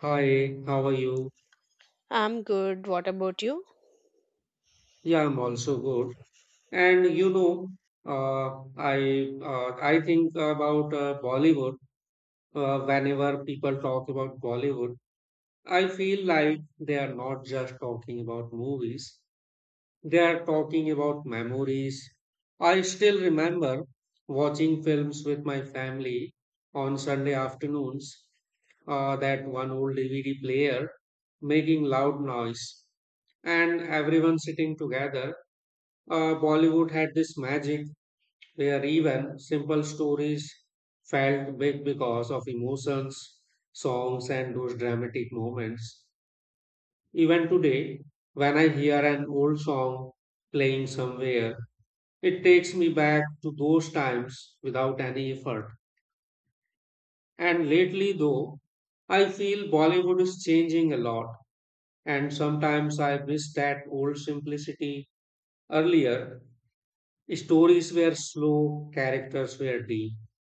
Hi, how are you? I'm good. What about you? Yeah, I'm also good. And you know, I think about Bollywood. Whenever people talk about Bollywood, I feel like they are not just talking about movies. They are talking about memories. I still remember watching films with my family on Sunday afternoons, that one old DVD player making loud noise, and everyone sitting together. Bollywood had this magic where even simple stories felt big because of emotions, songs, and those dramatic moments. Even today, when I hear an old song playing somewhere, it takes me back to those times without any effort. And lately, though, I feel Bollywood is changing a lot, and sometimes I miss that old simplicity. Earlier, stories were slow, characters were deep,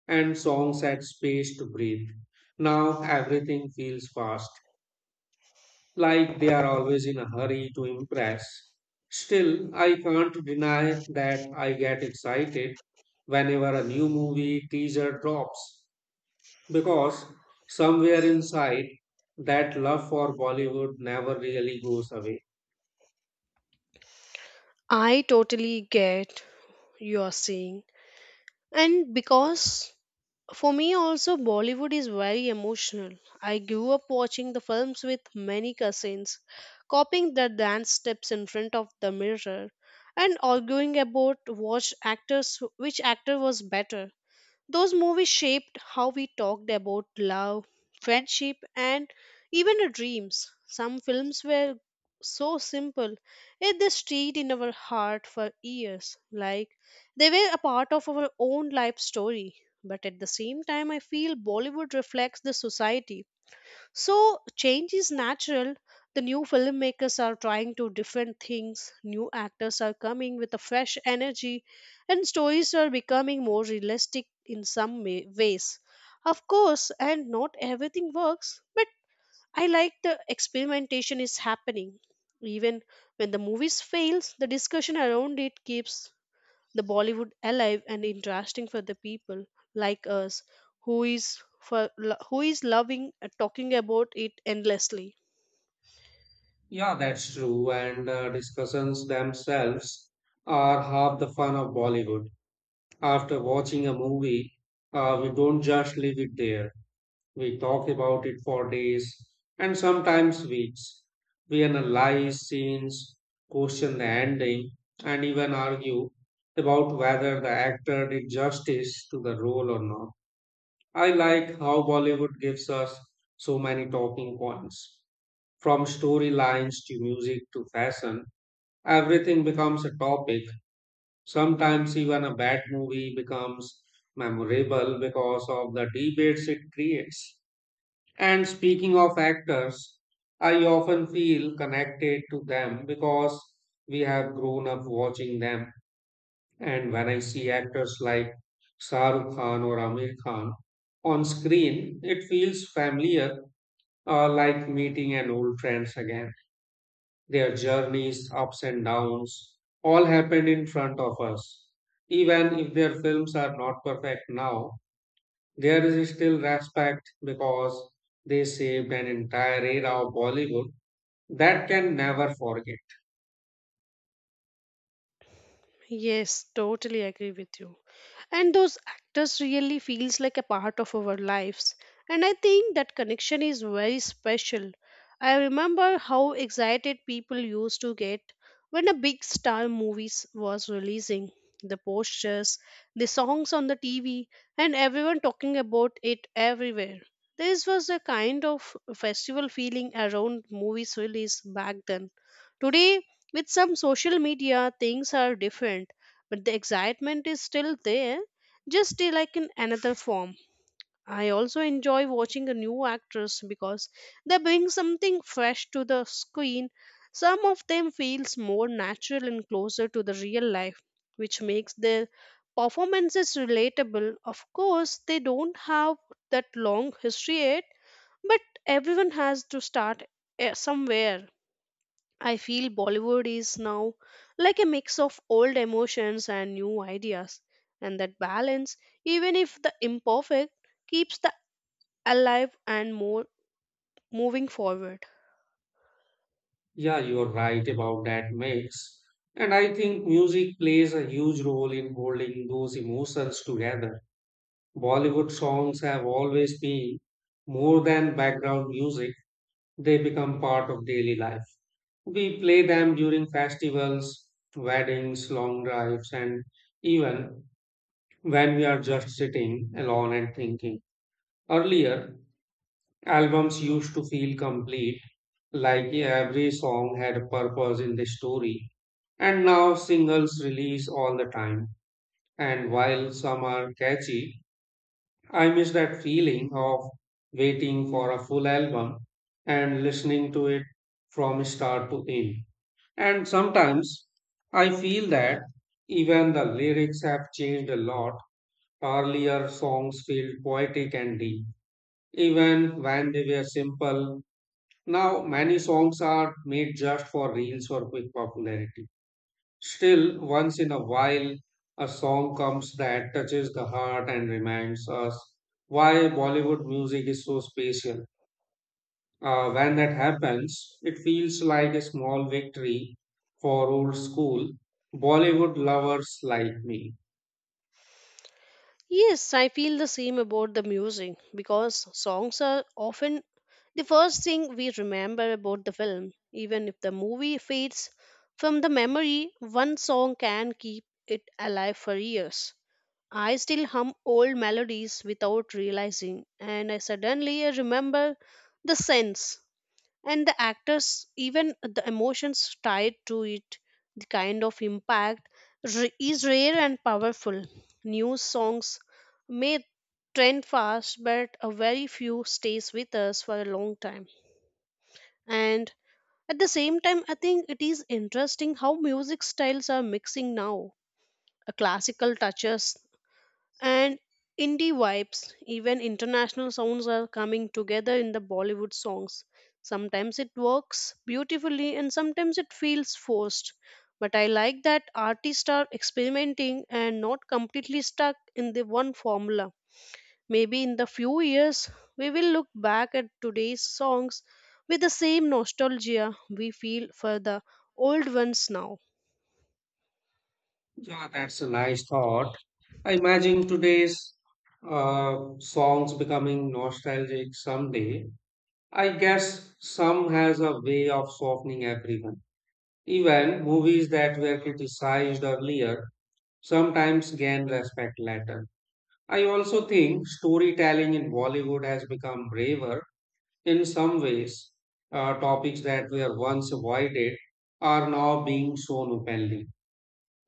and songs had space to breathe. Now everything feels fast, like they are always in a hurry to impress. Still, I can't deny that I get excited whenever a new movie teaser drops because somewhere inside that love for Bollywood never really goes away. I totally get you are saying. And because for me also Bollywood is very emotional. I grew up watching the films with many cousins, copying their dance steps in front of the mirror and arguing about which actor was better. Those movies shaped how we talked about love, friendship, and even our dreams. Some films were so simple, yet they stayed in our heart for years, like they were a part of our own life story. But at the same time, I feel Bollywood reflects the society, so change is natural. The new filmmakers are trying to different things. New actors are coming with a fresh energy, and stories are becoming more realistic in ways. Of course, and not everything works, but I like the experimentation is happening. Even when the movies fails, the discussion around it keeps the Bollywood alive and interesting for the people like us who is loving talking about it endlessly. Yeah, that's true. And discussions themselves are half the fun of Bollywood. After watching a movie, we don't just leave it there. We talk about it for days and sometimes weeks. We analyze scenes, question the ending, and even argue about whether the actor did justice to the role or not. I like how Bollywood gives us so many talking points. From storylines to music to fashion, everything becomes a topic. Sometimes even a bad movie becomes memorable because of the debates it creates. And speaking of actors, I often feel connected to them because we have grown up watching them. And when I see actors like Shah Rukh Khan or Amir Khan on screen, it feels familiar, like meeting an old friends again. Their journeys, ups and downs, all happened in front of us. Even if their films are not perfect now, there is still respect because they saved an entire era of Bollywood that can never forget. Yes, totally agree with you. And those actors really feels like a part of our lives, and I think that connection is very special. I remember how excited people used to get when a big star movies was releasing, the posters, the songs on the TV, and everyone talking about it everywhere. This was a kind of festival feeling around movies release back then. Today, with some social media, things are different, but the excitement is still there, just like in another form. I also enjoy watching a new actress because they bring something fresh to the screen. Some of them feels more natural and closer to the real life, which makes their performances relatable. Of course, they don't have that long history yet, but everyone has to start somewhere. I feel Bollywood is now like a mix of old emotions and new ideas, and that balance, even if the imperfect, keeps the alive and more moving forward. Yeah, you're right about that mix. And I think music plays a huge role in holding those emotions together. Bollywood songs have always been more than background music, they become part of daily life. We play them during festivals, weddings, long drives, and even when we are just sitting alone and thinking. Earlier, albums used to feel complete, like every song had a purpose in the story, and now singles release all the time. And while some are catchy, I miss that feeling of waiting for a full album and listening to it from start to end. And sometimes I feel that even the lyrics have changed a lot. Earlier songs felt poetic and deep, even when they were simple. Now, many songs are made just for reels or quick popularity. Still, once in a while, a song comes that touches the heart and reminds us why Bollywood music is so special. When that happens, it feels like a small victory for old school Bollywood lovers like me. Yes, I feel the same about the music because songs are often the first thing we remember about the film. Even if the movie fades from the memory, one song can keep it alive for years. I still hum old melodies without realizing, and I suddenly remember the sense and the actors, even the emotions tied to it. The kind of impact is rare and powerful. New songs may trend fast, but a very few stays with us for a long time. And at the same time, I think it is interesting how music styles are mixing now. A classical touches and indie vibes, even international sounds, are coming together in the Bollywood songs. Sometimes it works beautifully and sometimes it feels forced, but I like that artists are experimenting and not completely stuck in the one formula. Maybe in the few years we will look back at today's songs with the same nostalgia we feel for the old ones now. Yeah, that's a nice thought. I imagine today's songs becoming nostalgic someday. I guess some has a way of softening everyone. Even movies that were criticized earlier sometimes gain respect later. I also think storytelling in Bollywood has become braver in some ways. Topics that were once avoided are now being shown openly.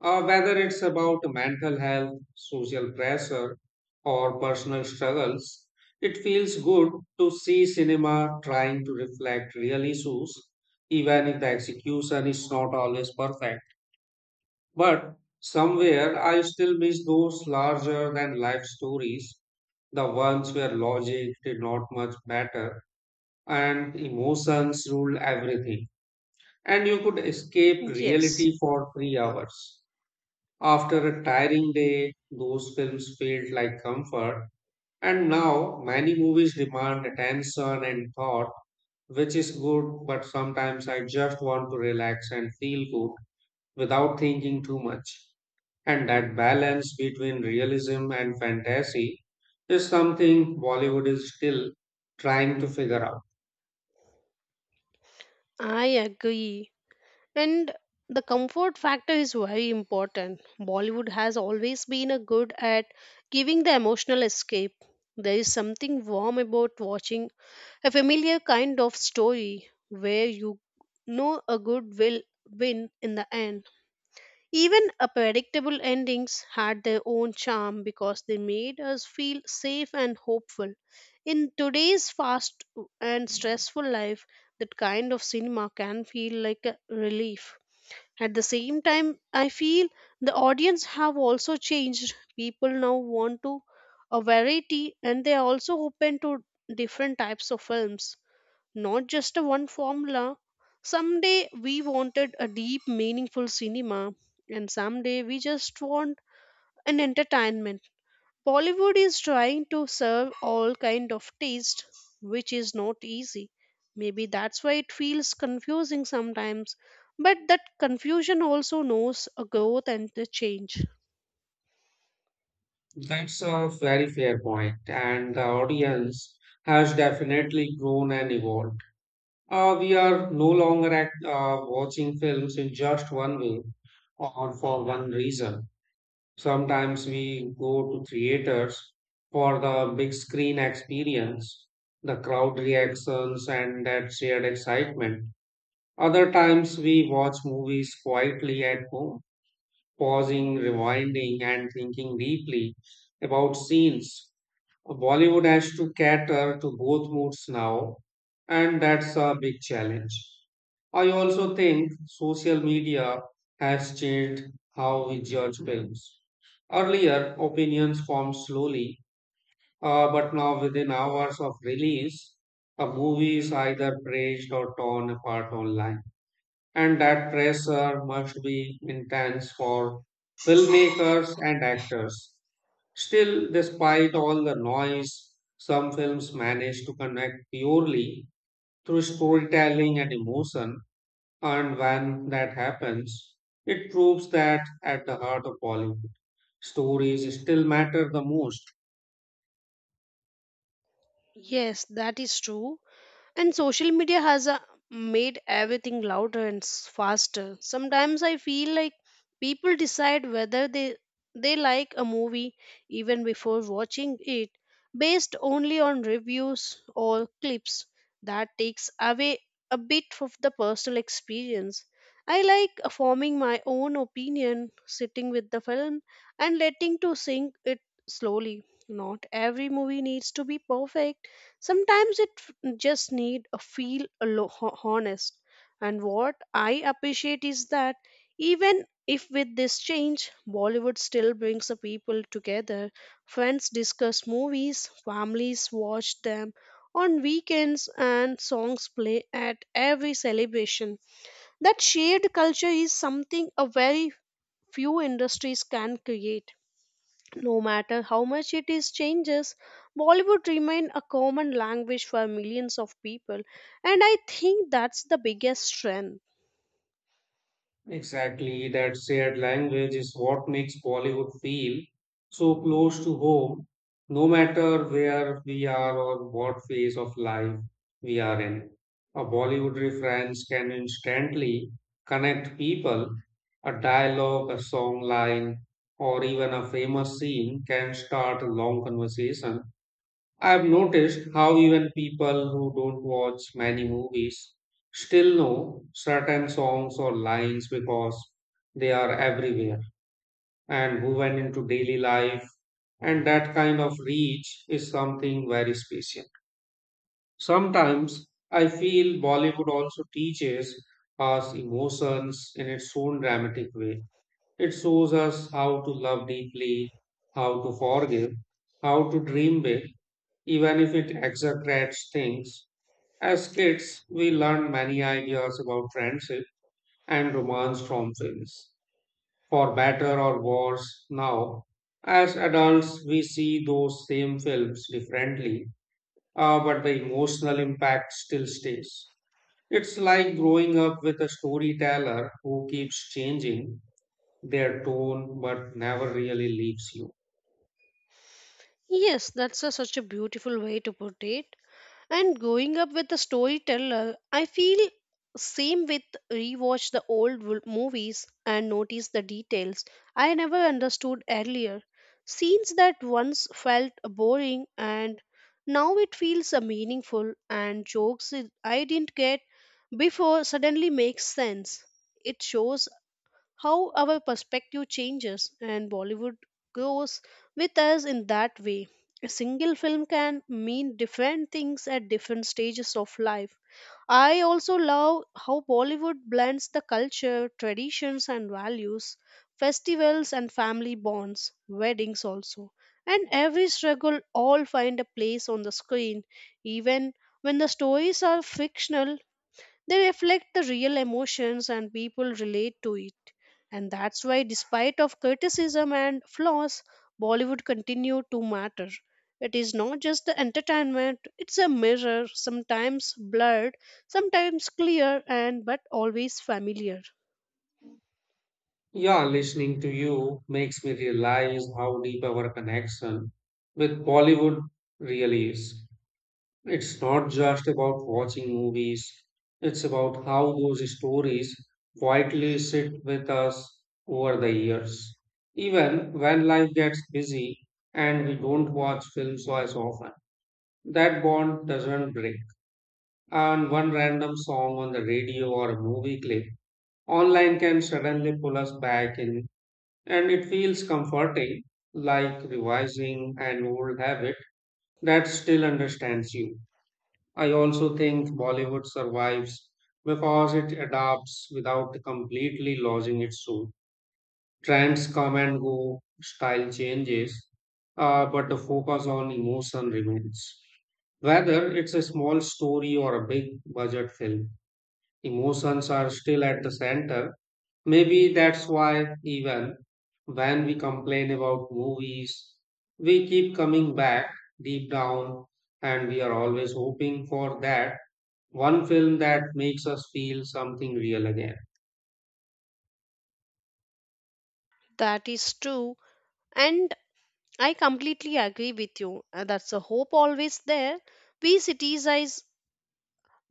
Whether it's about mental health, social pressure, or personal struggles, it feels good to see cinema trying to reflect real issues, even if the execution is not always perfect. But somewhere I still miss those larger than life stories, the ones where logic did not much matter and emotions ruled everything, and you could escape Yes, reality for 3 hours. After a tiring day, those films felt like comfort, and now many movies demand attention and thought, which is good, but sometimes I just want to relax and feel good without thinking too much. And that balance between realism and fantasy is something Bollywood is still trying to figure out. I agree. And the comfort factor is very important. Bollywood has always been a good at giving the emotional escape. There is something warm about watching a familiar kind of story where you know a good will win in the end. Even a predictable endings had their own charm because they made us feel safe and hopeful. In today's fast and stressful life, that kind of cinema can feel like a relief. At the same time, I feel the audience have also changed. People now want to a variety, and they are also open to different types of films, not just a one formula. Someday we wanted a deep, meaningful cinema, and someday we just want an entertainment. Bollywood is trying to serve all kind of taste, which is not easy. Maybe that's why it feels confusing sometimes. But that confusion also knows a growth and a change. That's a very fair point, and the audience has definitely grown and evolved. We are no longer at watching films in just one way or for one reason. Sometimes we go to theaters for the big screen experience, the crowd reactions, and that shared excitement. Other times we watch movies quietly at home, pausing, rewinding, and thinking deeply about scenes. Bollywood has to cater to both moods now, and that's a big challenge. I also think social media has changed how we judge films. Earlier, opinions formed slowly, but now within hours of release, a movie is either praised or torn apart online. And that pressure must be intense for filmmakers and actors. Still, despite all the noise, some films manage to connect purely through storytelling and emotion, and when that happens, it proves that at the heart of Bollywood, stories still matter the most. Yes, that is true. And social media has made everything louder and faster. Sometimes I feel like people decide whether they like a movie even before watching it, based only on reviews or clips. That takes away a bit of the personal experience. I like forming my own opinion, sitting with the film and letting to sink it slowly. Not every movie needs to be perfect. Sometimes it just need a feel honest. And what I appreciate is that even if with this change, Bollywood still brings the people together. Friends discuss movies, families watch them on weekends, and songs play at every celebration. That shared culture is something a very few industries can create. No matter how much it is changes, Bollywood remains a common language for millions of people, and I think that's the biggest strength. Exactly, that shared language is what makes Bollywood feel so close to home, no matter where we are or what phase of life we are in. A Bollywood reference can instantly connect people. A dialogue, a song line, or even a famous scene can start a long conversation. I've noticed how even people who don't watch many movies still know certain songs or lines because they are everywhere and woven into daily life. And that kind of reach is something very special. Sometimes I feel Bollywood also teaches us emotions in its own dramatic way. It shows us how to love deeply, how to forgive, how to dream big, even if it exaggerates things. As kids, we learn many ideas about friendship and romance from films, for better or worse. Now, as adults, we see those same films differently, but the emotional impact still stays. It's like growing up with a storyteller who keeps changing their tone but never really leaves you. Yes, that's a, such a beautiful way to put it. And growing up with a storyteller, I feel same with rewatch the movies and notice the details I never understood earlier. Scenes that once felt boring and now it feels meaningful, and jokes I didn't get before suddenly makes sense. It shows how our perspective changes and Bollywood grows with us in that way. A single film can mean different things at different stages of life. I also love how Bollywood blends the culture, traditions, and values, festivals and family bonds, weddings also. And every struggle all find a place on the screen, even when the stories are fictional, they reflect the real emotions and people relate to it. And that's why despite of criticism and flaws, Bollywood continue to matter. It is not just the entertainment, it's a mirror, sometimes blurred, sometimes clear and but always familiar. Yeah, listening to you makes me realize how deep our connection with Bollywood really is. It's not just about watching movies, it's about how those stories quietly sit with us over the years. Even when life gets busy and we don't watch films as often, that bond doesn't break. And one random song on the radio or a movie clip online can suddenly pull us back in, and it feels comforting, like revising an old habit that still understands you. I also think Bollywood survives because it adapts without completely losing its soul. Trends come and go, style changes, but the focus on emotion remains. Whether it's a small story or a big budget film, emotions are still at the center. Maybe that's why, even when we complain about movies, we keep coming back deep down, and we are always hoping for that one film that makes us feel something real again. That is true. And I completely agree with you. That's a hope always there. We citizens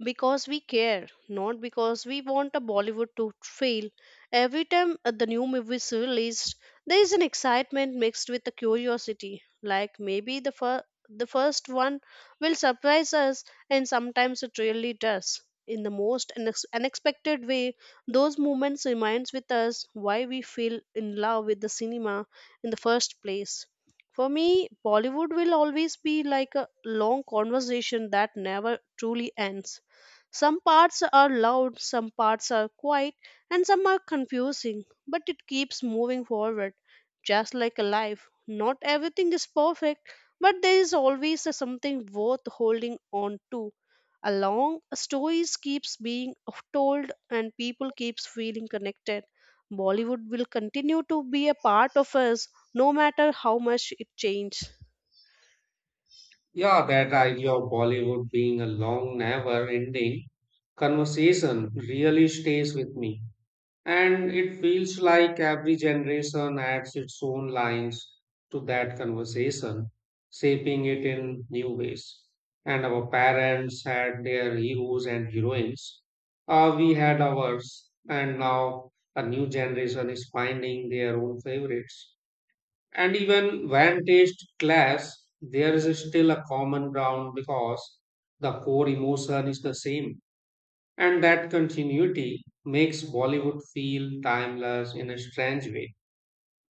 because we care, not because we want a Bollywood to fail. Every time the new movie is released, there is an excitement mixed with the curiosity. Like maybe the first one will surprise us, and sometimes it really does. In the most unexpected way, those moments reminds with us why we feel in love with the cinema in the first place. For me, Bollywood will always be like a long conversation that never truly ends. Some parts are loud, some parts are quiet, and some are confusing, but it keeps moving forward, just like a life. Not everything is perfect, but there is always a something worth holding on to. A long stories keeps being told and people keeps feeling connected. Bollywood will continue to be a part of us no matter how much it changes. Yeah, that idea of Bollywood being a long, never ending conversation really stays with me. And it feels like every generation adds its own lines to that conversation, shaping it in new ways. And our parents had their heroes and heroines. We had ours, and now a new generation is finding their own favorites. And even when taste clash, there is still a common ground because the core emotion is the same. And that continuity makes Bollywood feel timeless in a strange way.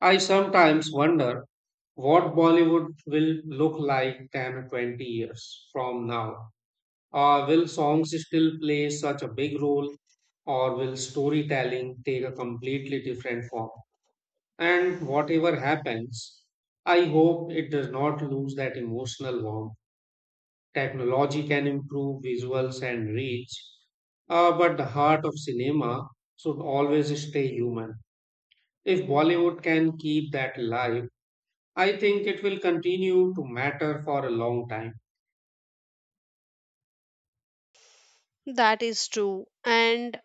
I sometimes wonder what Bollywood will look like 10 or 20 years from now. Will songs still play such a big role, or will storytelling take a completely different form? And whatever happens, I hope it does not lose that emotional warmth. Technology can improve visuals and reach, but the heart of cinema should always stay human. If Bollywood can keep that alive, I think it will continue to matter for a long time. That is true. And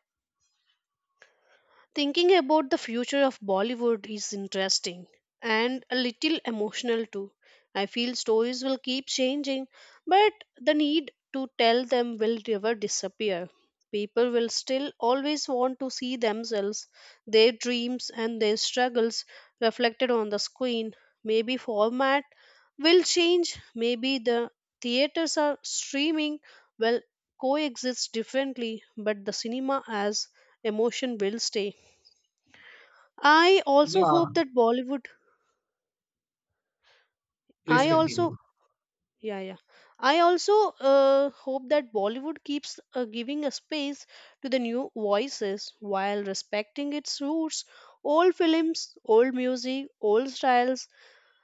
thinking about the future of Bollywood is interesting and a little emotional too. I feel stories will keep changing, but the need to tell them will never disappear. People will still always want to see themselves, their dreams, and their struggles reflected on the screen. Maybe format will change, maybe the theaters are streaming will coexist differently, but the cinema as emotion will stay. I also Yeah, hope that Bollywood. please I also continue. Yeah, yeah. I also hope that Bollywood keeps giving a space to the new voices while respecting its roots. Old films, old music, old styles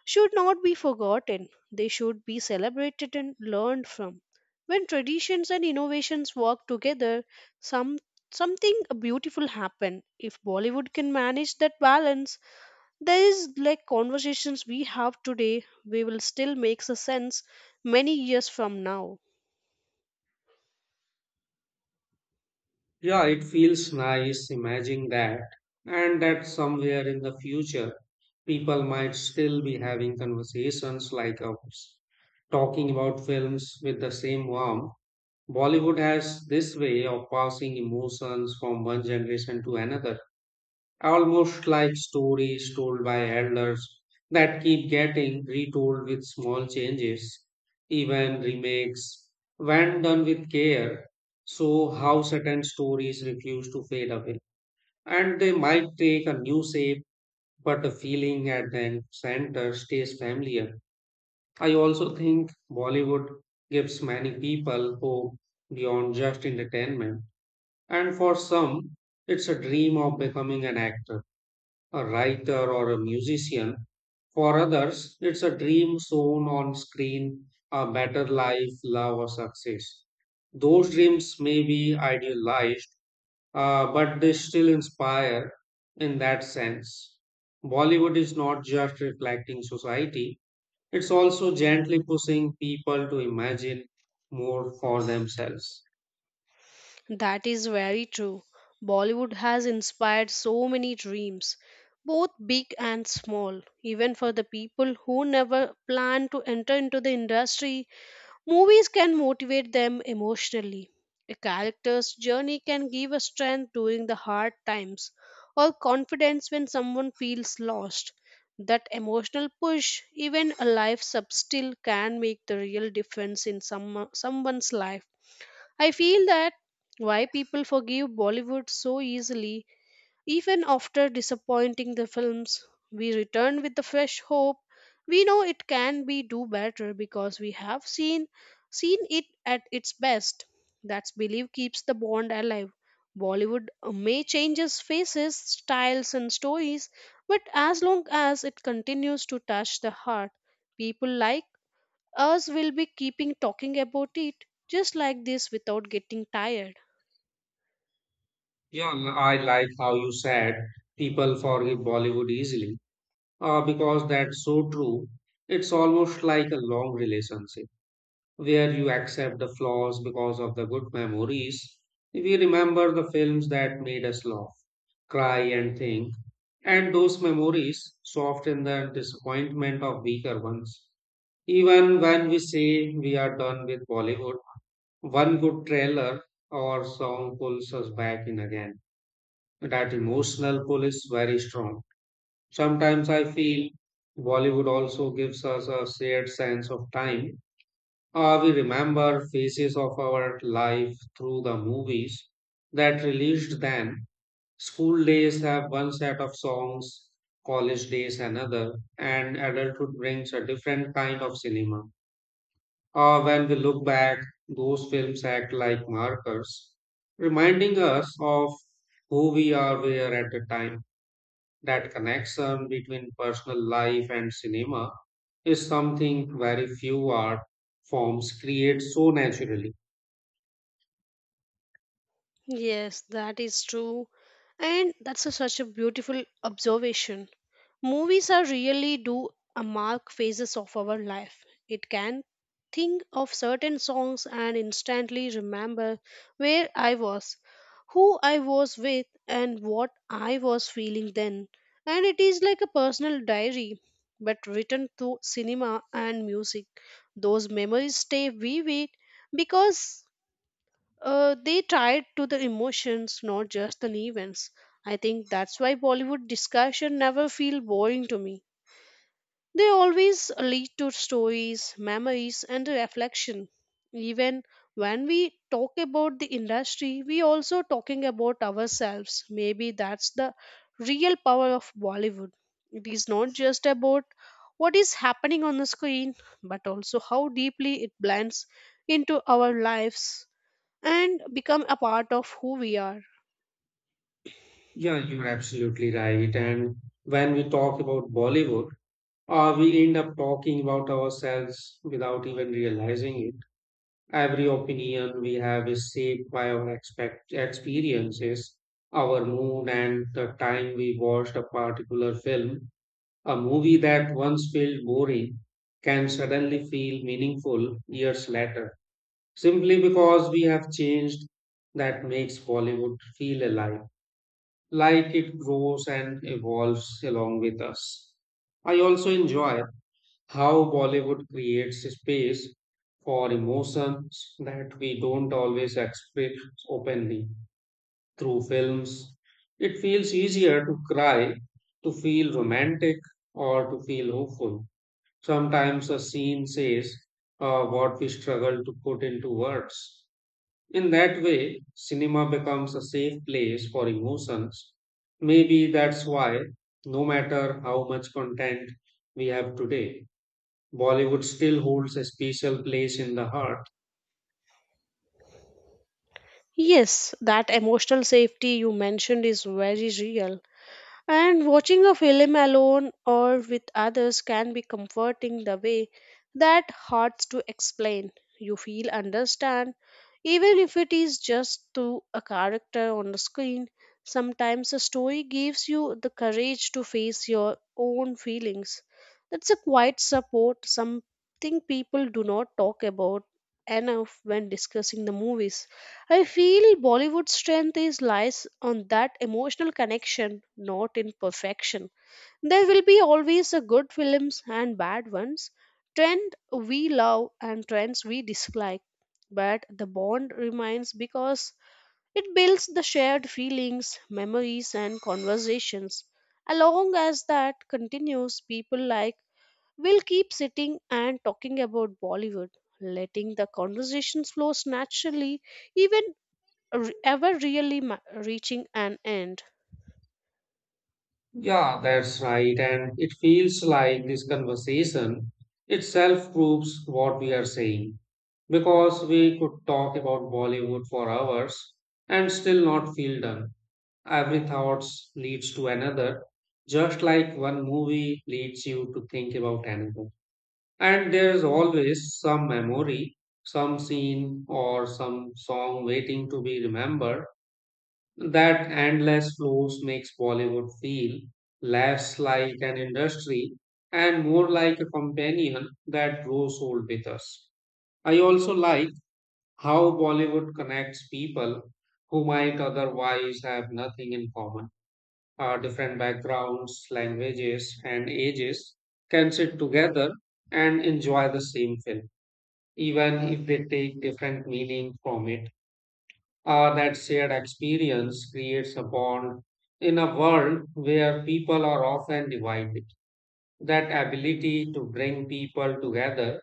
should not be forgotten. They should be celebrated and learned from. When traditions and innovations work together, some something beautiful happen. If Bollywood can manage that balance, there is like conversations we have today, we will still makes a sense many years from now. Yeah, it feels nice imagining that, and that somewhere in the future, people might still be having conversations like ours, talking about films with the same warmth. Bollywood has this way of passing emotions from one generation to another, almost like stories told by elders that keep getting retold with small changes, even remakes, when done with care. So, how certain stories refuse to fade away. And they might take a new shape, but the feeling at the center stays familiar. I also think Bollywood gives many people hope beyond just entertainment, and for some, it's a dream of becoming an actor, a writer, or a musician. For others, it's a dream shown on screen, a better life, love, or success. Those dreams may be idealized, but they still inspire in that sense. Bollywood is not just reflecting society, it's also gently pushing people to imagine more for themselves. That is very true. Bollywood has inspired so many dreams, both big and small. Even for the people who never planned to enter into the industry, movies can motivate them emotionally. A character's journey can give a strength during the hard times or confidence when someone feels lost. That emotional push, even a life substill, can make the real difference in someone's life. I feel that why people forgive Bollywood so easily even after disappointing the films, we return with the fresh hope. We know it can be do better because we have seen it at its best. That's belief keeps the bond alive. Bollywood may changes faces, styles and stories, but as long as it continues to touch the heart, people like us will be keeping talking about it just like this without getting tired. Yeah, and I like how you said people forgive Bollywood easily because that's so true. It's almost like a long relationship where you accept the flaws because of the good memories. We remember the films that made us laugh, cry, and think, and those memories soften the disappointment of weaker ones. Even when we say we are done with Bollywood, one good trailer or song pulls us back in again. That emotional pull is very strong. Sometimes I feel Bollywood also gives us a shared sense of time. We remember phases of our life through the movies that released then. School days have one set of songs, college days another, and adulthood brings a different kind of cinema. When we look back, those films act like markers, reminding us of who we are were at the time. That connection between personal life and cinema is something very few art forms create so naturally. Yes, that is true. And that's a, such a beautiful observation. Movies are really do a mark phases of our life. It can think of certain songs and instantly remember where I was, who I was with, and what I was feeling then. And it is like a personal diary, but written through cinema and music. Those memories stay vivid because they tied to the emotions, not just the events. I think that's why Bollywood discussion never feel boring to me. They always lead to stories, memories, and reflection. Even when we talk about the industry, we also talking about ourselves. Maybe that's the real power of Bollywood. It is not just about what is happening on the screen, but also how deeply it blends into our lives and become a part of who we are. Yeah, you're absolutely right. And when we talk about Bollywood, we end up talking about ourselves without even realizing it. Every opinion we have is shaped by our experiences, our mood, and the time we watched a particular film. A movie that once felt boring can suddenly feel meaningful years later, simply because we have changed. That makes Bollywood feel alive, like it grows and evolves along with us. I also enjoy how Bollywood creates space for emotions that we don't always express openly through films. It feels easier to cry, to feel romantic, or to feel hopeful. Sometimes a scene says what we struggle to put into words. In that way, cinema becomes a safe place for emotions. Maybe that's why, no matter how much content we have today, Bollywood still holds a special place in the heart. Yes, that emotional safety you mentioned is very real. And watching a film alone or with others can be comforting the way that hard to explain. You feel understand, even if it is just through a character on the screen. Sometimes a story gives you the courage to face your own feelings. That's a quiet support, something people do not talk about enough when discussing the movies. I feel Bollywood's strength is lies on that emotional connection, not in perfection. There will be always a good films and bad ones, trend we love and trends we dislike. But the bond remains because it builds the shared feelings, memories and conversations. Along as that continues, people like will keep sitting and talking about Bollywood, letting the conversations flow naturally even ever really reaching an end. Yeah, that's right. And it feels like this conversation itself proves what we are saying. Because we could talk about Bollywood for hours and still not feel done. Every thoughts leads to another, just like one movie leads you to think about another. And there's always some memory, some scene, or some song waiting to be remembered. That endless flows makes Bollywood feel less like an industry and more like a companion that grows old with us. I also like how Bollywood connects people who might otherwise have nothing in common, different backgrounds, languages, and ages can sit together and enjoy the same film, even if they take different meaning from it. That shared experience creates a bond in a world where people are often divided. That ability to bring people together,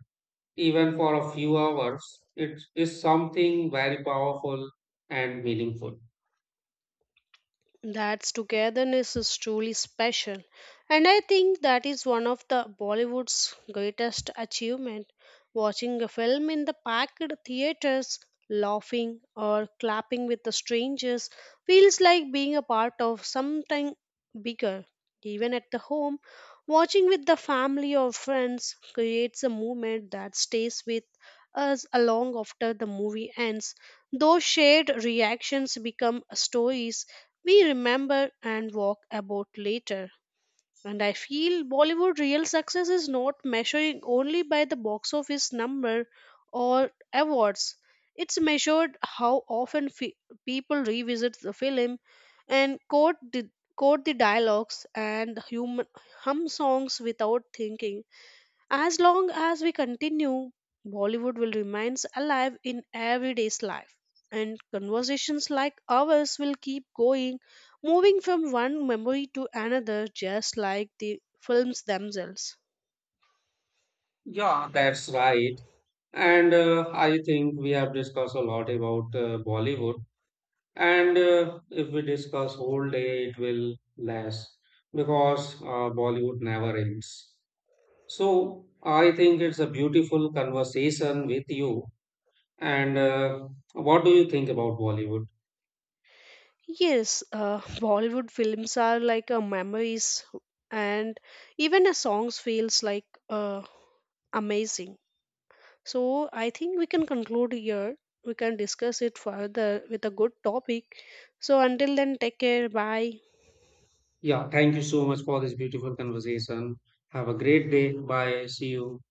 even for a few hours, it is something very powerful and meaningful. That's togetherness is truly special. And I think that is one of the Bollywood's greatest achievement. Watching a film in the packed theaters, laughing or clapping with the strangers feels like being a part of something bigger. Even at the home, watching with the family or friends creates a moment that stays with us along after the movie ends. Those shared reactions become stories we remember and walk about later. And I feel Bollywood real success is not measuring only by the box office number or awards. It's measured how often people revisit the film and quote the dialogues and hum songs without thinking. As long as we continue, Bollywood will remain alive in everyday's life, and conversations like ours will keep going, moving from one memory to another, just like the films themselves. Yeah, that's right. And I think we have discussed a lot about Bollywood. And If we discuss whole day, it will last because Bollywood never ends. So I think it's a beautiful conversation with you. And What do you think about Bollywood? Yes, Bollywood films are like memories, and even a songs feels like amazing. So I think we can conclude here. We can discuss it further with a good topic. So until then, take care. Bye. Yeah, thank you so much for this beautiful conversation. Have a great day. Bye. See you.